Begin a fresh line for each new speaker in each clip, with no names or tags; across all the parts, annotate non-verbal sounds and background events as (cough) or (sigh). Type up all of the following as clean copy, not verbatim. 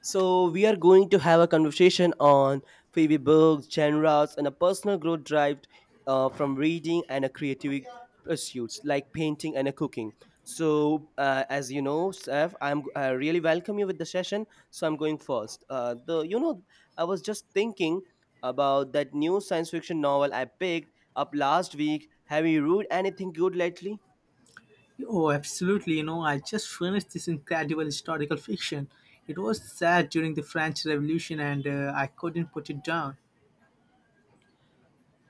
So, we are going to have a conversation on favorite books, genres, and a personal growth drive from reading and a creative pursuits like painting and a cooking. So, as you know, Steph, I really welcome you with the session. So, I'm going first. I was just thinking about that new science fiction novel I picked up last week. Have you read anything good lately?
Oh, absolutely. I just finished this incredible historical fiction. It was set during the French Revolution and I couldn't put it down.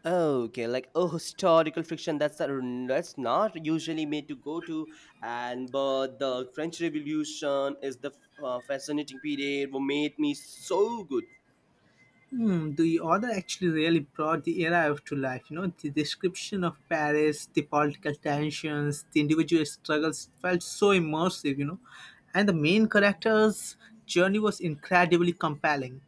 Okay, like oh, historical fiction. That's not usually made to go to, and but the French Revolution is the fascinating period what made me so good.
The author actually really brought the era to life. You know, the description of Paris, the political tensions, the individual struggles felt so immersive. And the main character's journey was incredibly compelling.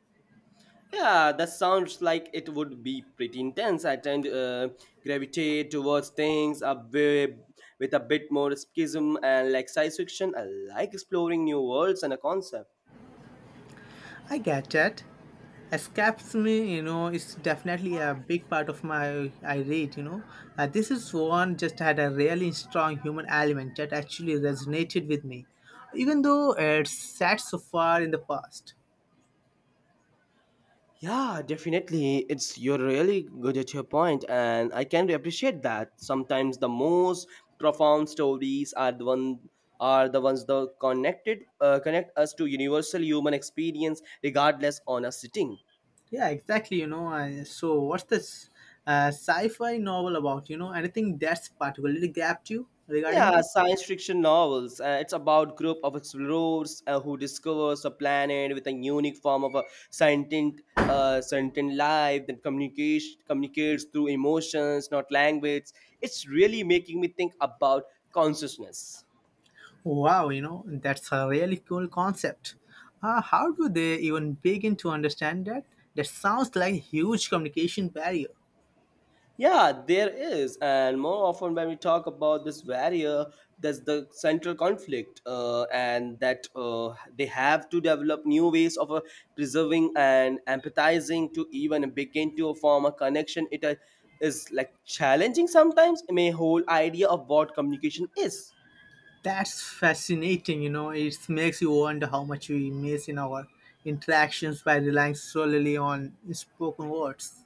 Yeah, that sounds like it would be pretty intense. I tend to gravitate towards things a bit, with a bit more escapism and like science fiction. I like exploring new worlds and a concept.
I get that. Escapism, you know, is definitely a big part of my I read. This is one just had a really strong human element that actually resonated with me, even though it's sat so far in the past.
Yeah, definitely. It's you're really good at your point, and I can appreciate that. Sometimes the most profound stories are the one are the ones that connected connect us to universal human experience, regardless on a sitting.
Yeah, exactly, you know. I, so, what's this sci fi novel about, you know? Anything that's particularly grabbed you regarding
Yeah,
this?
science fiction novels. It's about group of explorers who discovers a planet with a unique form of a sentient life that communicates through emotions, not language. It's really making me think about consciousness.
Wow, you know, that's a really cool concept. How do they even begin to understand that? That sounds like a huge communication barrier.
Yeah, there is, and more often when we talk about this barrier, that's the central conflict, and that they have to develop new ways of preserving and empathizing to even begin to form a connection. It is like challenging sometimes. I mean, whole idea of what communication is.
That's fascinating, you know, it makes you wonder how much we miss in our interactions by relying solely on spoken words.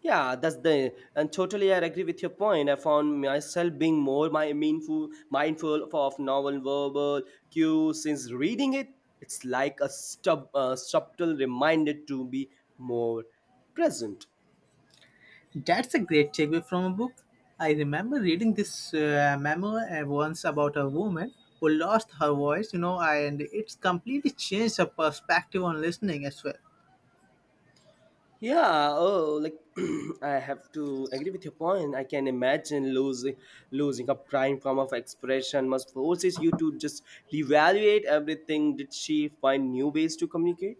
Yeah, that's the and totally I agree with your point. I found myself being more my mindful mindful of novel verbal cues since reading it. It's like a subtle reminder to be more present.
That's a great takeaway from a book. I remember reading this memoir once about a woman who lost her voice, you know, and it's completely changed her perspective on listening as well.
Yeah, oh, like (clears throat) I have to agree with your point. I can imagine losing a prime form of expression must forces you to just reevaluate everything. Did she find new ways to communicate?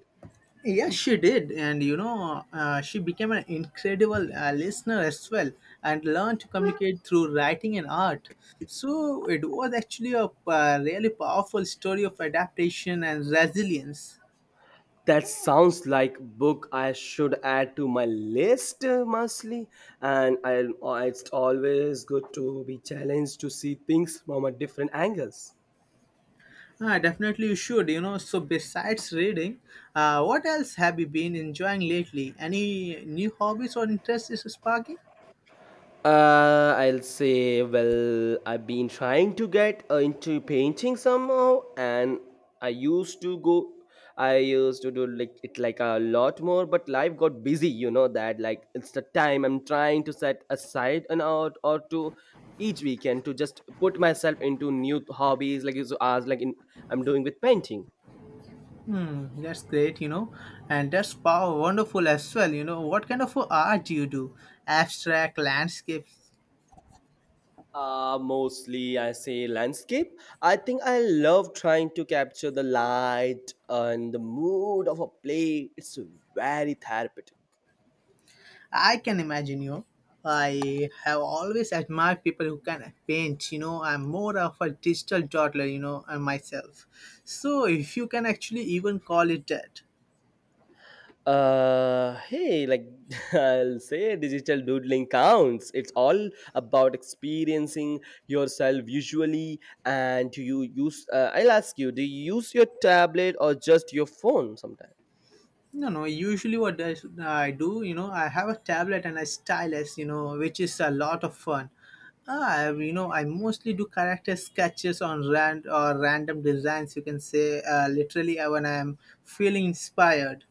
Yes, she did, and you know, she became an incredible listener as well, and learned to communicate through writing and art. So it was actually a really powerful story of adaptation and resilience.
That sounds like book I should add to my list, mostly. And I, it's always good to be challenged to see things from a different angles.
Ah, definitely, you should. You know, so besides reading, what else have you been enjoying lately? Any new hobbies or interests is sparking?
I'll say, well, I've been trying to get into painting somehow, and I used to go, I used to do like it like a lot more, but life got busy. You know that, like it's the time I'm trying to set aside an hour or two each weekend to just put myself into new hobbies, like you asked, I'm doing with painting.
That's great, you know, and that's power wonderful as well. You know, what kind of art do you do? Abstract landscapes.
Mostly I say landscape. I think I love trying to capture the light and the mood of a place. It's very therapeutic.
I can imagine you. I have always admired people who can paint. You know, I'm more of a digital toddler, you know, myself. So if you can actually even call it that.
Hey, like (laughs) I'll say digital doodling counts. It's all about experiencing yourself visually. And do you use, I'll ask you, do you use your tablet or just your phone sometimes?
No, no, usually I do, you know, I have a tablet and a stylus, you know, which is a lot of fun. Ah, you know, I mostly do character sketches on rand or random designs. You can say, literally, when I'm feeling inspired.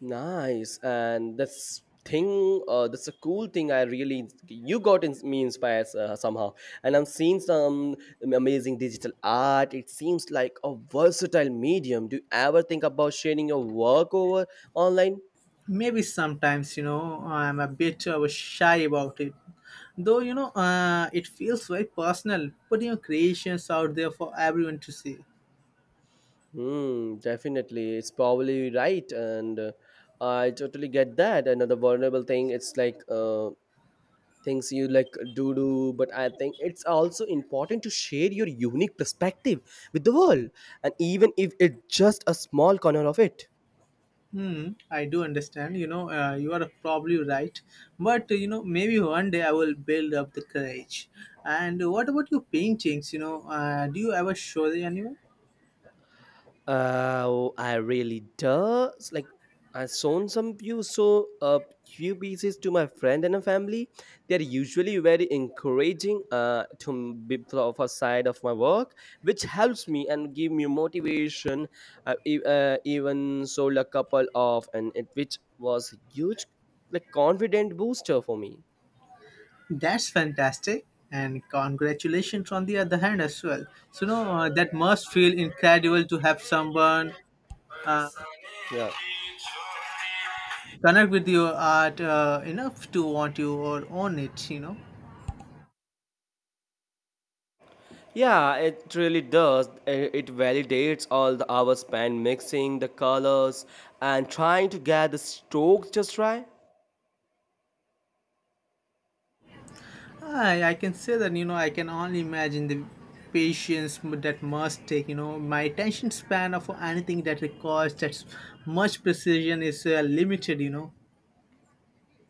Nice, and this thing. That's a cool thing. I really you got inspired somehow, and I'm seeing some amazing digital art. It seems like a versatile medium. Do you ever think about sharing your work over online?
Maybe sometimes, you know, I'm a bit shy about it, though, you know, it feels very personal putting your creations out there for everyone to see.
Hmm, definitely. It's probably right, and I totally get that. Another vulnerable thing. It's like Things you like do but I think it's also important to share your unique perspective with the world and even if it's just a small corner of it.
Hmm, I do understand, you know, you are probably right, but you know, maybe one day I will build up the courage. And what about your paintings? You know, do you ever show them anyone?
I really does. Like, I sold some few so a few pieces to my friend and a family. They are usually very encouraging. Be of a side of my work, which helps me and give me motivation. Even sold a couple of, and it which was huge, like confident booster for me.
That's fantastic and congratulations on the other hand as well. So no, that must feel incredible to have someone uh,
Yeah.
connect with your art enough to want you or own it, you know.
Yeah, it really does. It validates all the hours spent mixing the colors and trying to get the strokes just right.
I can say that, you know, I can only imagine the that must take. You know, my attention span of anything that requires that much precision is limited, you know.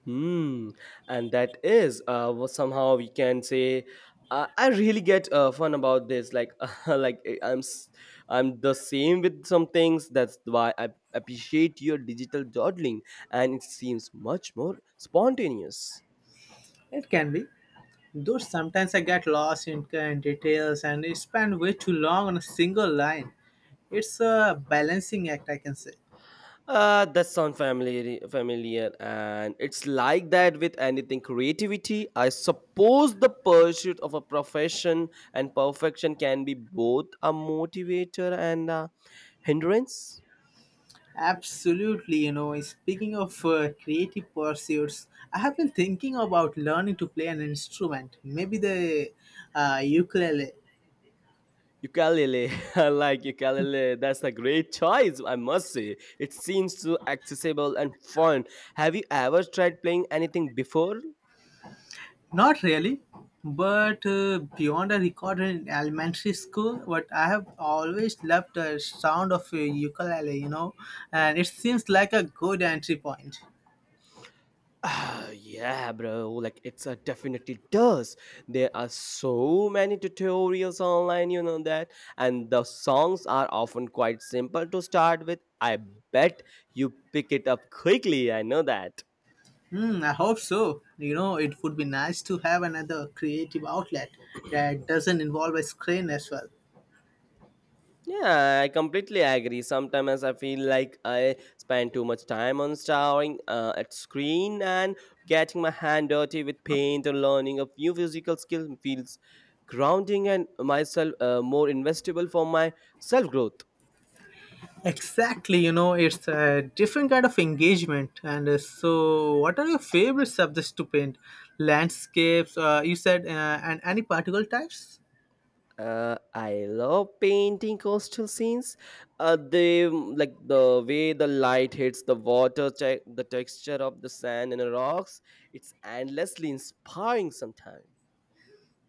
Hmm, and that is what somehow we can say. I really get fun about this. Like, (laughs) uh, like I- I'm, s- I'm the same with some things. That's why I appreciate your digital dawdling, and it seems much more spontaneous.
It can be, though sometimes I get lost in details and I spend way too long on a single line. It's a balancing act, I can say.
That sounds familiar, and it's like that with anything creativity. I suppose the pursuit of a profession and perfection can be both a motivator and a hindrance.
Absolutely, you know, speaking of creative pursuits, I have been thinking about learning to play an instrument, maybe the ukulele.
Ukulele, (laughs) I like ukulele. That's a great choice, I must say. It seems so accessible and fun. Have you ever tried playing anything before?
Not really, but beyond a record in elementary school, but I have always loved the sound of a ukulele, you know, and it seems like a good entry point.
(sighs) Ah, yeah, bro. Like it's a definitely does. There are so many tutorials online, you know that, and the songs are often quite simple to start with. I bet you pick it up quickly. I know that.
Hmm, I hope so. You know, it would be nice to have another creative outlet that doesn't involve a screen as well.
Yeah, I completely agree. Sometimes I feel like I spend too much time on staring at screen and getting my hand dirty with paint or learning a few physical skill feels grounding and myself more investable for my self growth.
Exactly, you know, it's a different kind of engagement. And so, what are your favorite subjects to paint? Landscapes, you said, and any particle types?
I love painting coastal scenes. Like the way the light hits the water, the texture of the sand and the rocks. It's endlessly inspiring sometimes.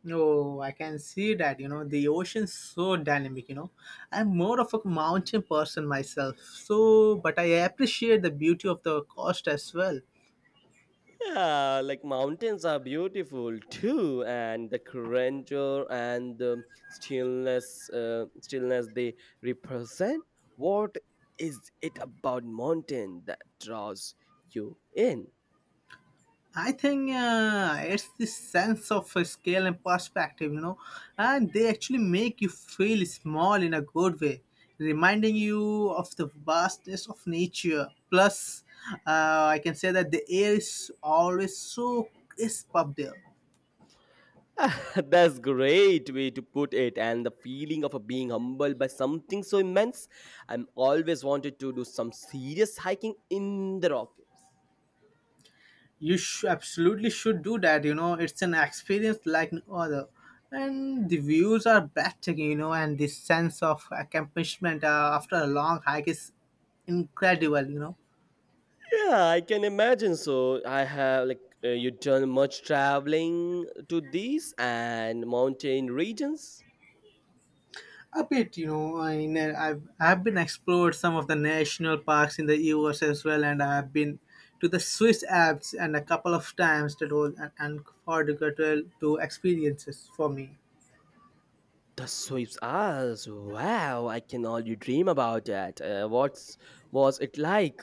No, I can see that, you know, the ocean's so dynamic, you know. I'm more of a mountain person myself, so, but I appreciate the beauty of the coast as well.
Yeah, like mountains are beautiful too, and the grandeur and the stillness they represent. What is it about mountain that draws you in?
I think it's this sense of scale and perspective, you know, and they actually make you feel small in a good way, reminding you of the vastness of nature. Plus, I can say that the air is always so crisp up there.
Ah, (laughs) That's great way to put it, and the feeling of being humbled by something so immense. I'm always wanted to do some serious hiking in the Rockies.
Absolutely should do that, you know, it's an experience like no other. And the views are breathtaking, you know, and the sense of accomplishment after a long hike is incredible, you know.
Yeah, I can imagine. So I have you done much traveling to these and mountain regions.
A bit, you know, I've been explored some of the national parks in the US as well, and I've been to the Swiss Alps and a couple of times that was an unforgettable to experiences for me.
The Swiss Alps. Wow, I can only dream about that. What's was it like?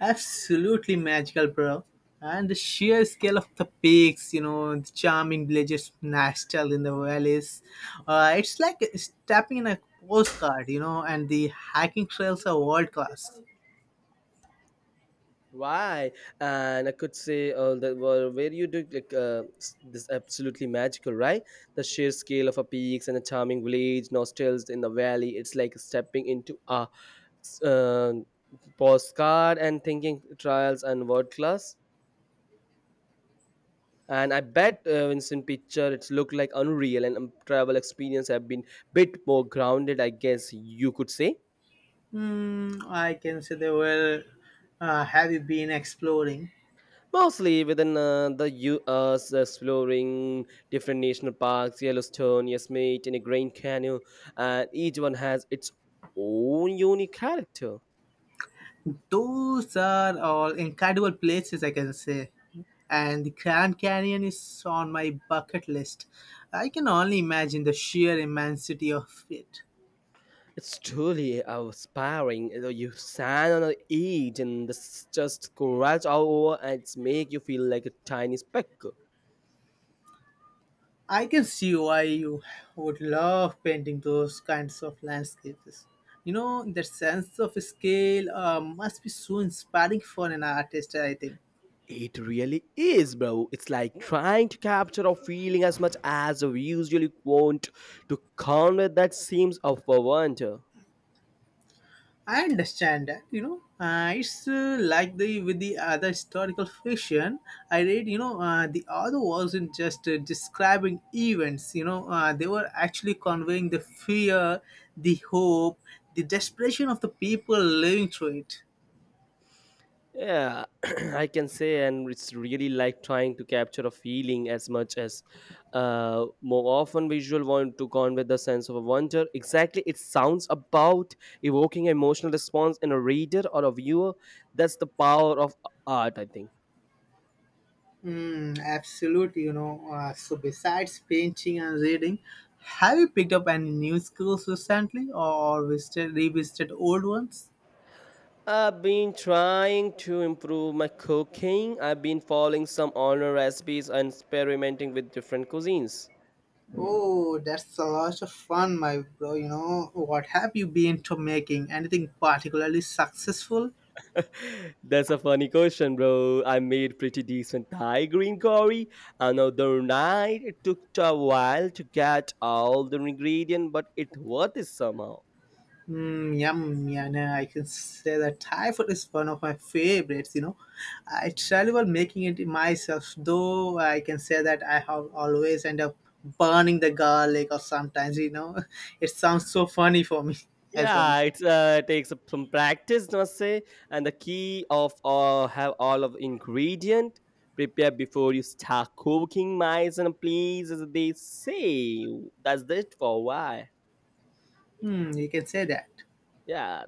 Absolutely magical, bro. And the sheer scale of the peaks, you know, the charming villages nestled in the valleys. It's like stepping in a postcard, you know, and the hiking trails are world class.
Why? And I could say that were where you do this absolutely magical, right? The sheer scale of a peaks and a charming village, nostals in the valley. It's like stepping into a s- uh, postcard and thinking trials and world class. And I bet Vincent picture it's looked like unreal and travel experience have been bit more grounded, I guess you could say.
Hmm, I can say they were. Have you been exploring?
Mostly within the U.S., exploring different national parks, Yellowstone, Yosemite, and Grand Canyon, and each one has its own unique character.
Those are all incredible places, I can say. And the Grand Canyon is on my bucket list. I can only imagine the sheer immensity of it.
It's truly inspiring. You know, you stand on the edge and this just scratch all over, and it's make you feel like a tiny speck.
I can see why you would love painting those kinds of landscapes. You know, the sense of scale must be so inspiring for an artist, I think.
It really is, bro. It's like trying to capture a feeling as much as we usually want to convey that seems of a wonder.
I understand that, you know. It's Like the with the other historical fiction I read. You know, the author wasn't just describing events. You know, they were actually conveying the fear, the hope, the desperation of the people living through it.
Yeah, (clears throat) I can say, and it's really like trying to capture a feeling as much as more often visual want to convey the sense of a wonder. Exactly, it sounds about evoking emotional response in a reader or a viewer. That's the power of art, I think.
Mm, absolutely, you know. So besides painting and reading, have you picked up any new skills recently, or visited revisited old ones?
I've been trying to improve my cooking. I've been following some online recipes and experimenting with different cuisines.
Oh, that's a lot of fun, my bro. You know, what have you been to making? Anything particularly successful?
That's a funny question, bro. I made pretty decent Thai green curry another night. It took a while to get all the ingredient, but it worth it somehow.
Mm, yum, yeah, nah, I can say that Thai food is one of my favorites. You know, I travel making it myself, though I can say that I have always end up burning the garlic or sometimes, you know, (laughs) it sounds so funny for me (laughs) as well.
Yeah, it's takes up some practice, must say. And the key of have all of ingredient prepare before you start cooking, mice and please, as they say. That's it for why.
Hmm, you can say that.
Yeah,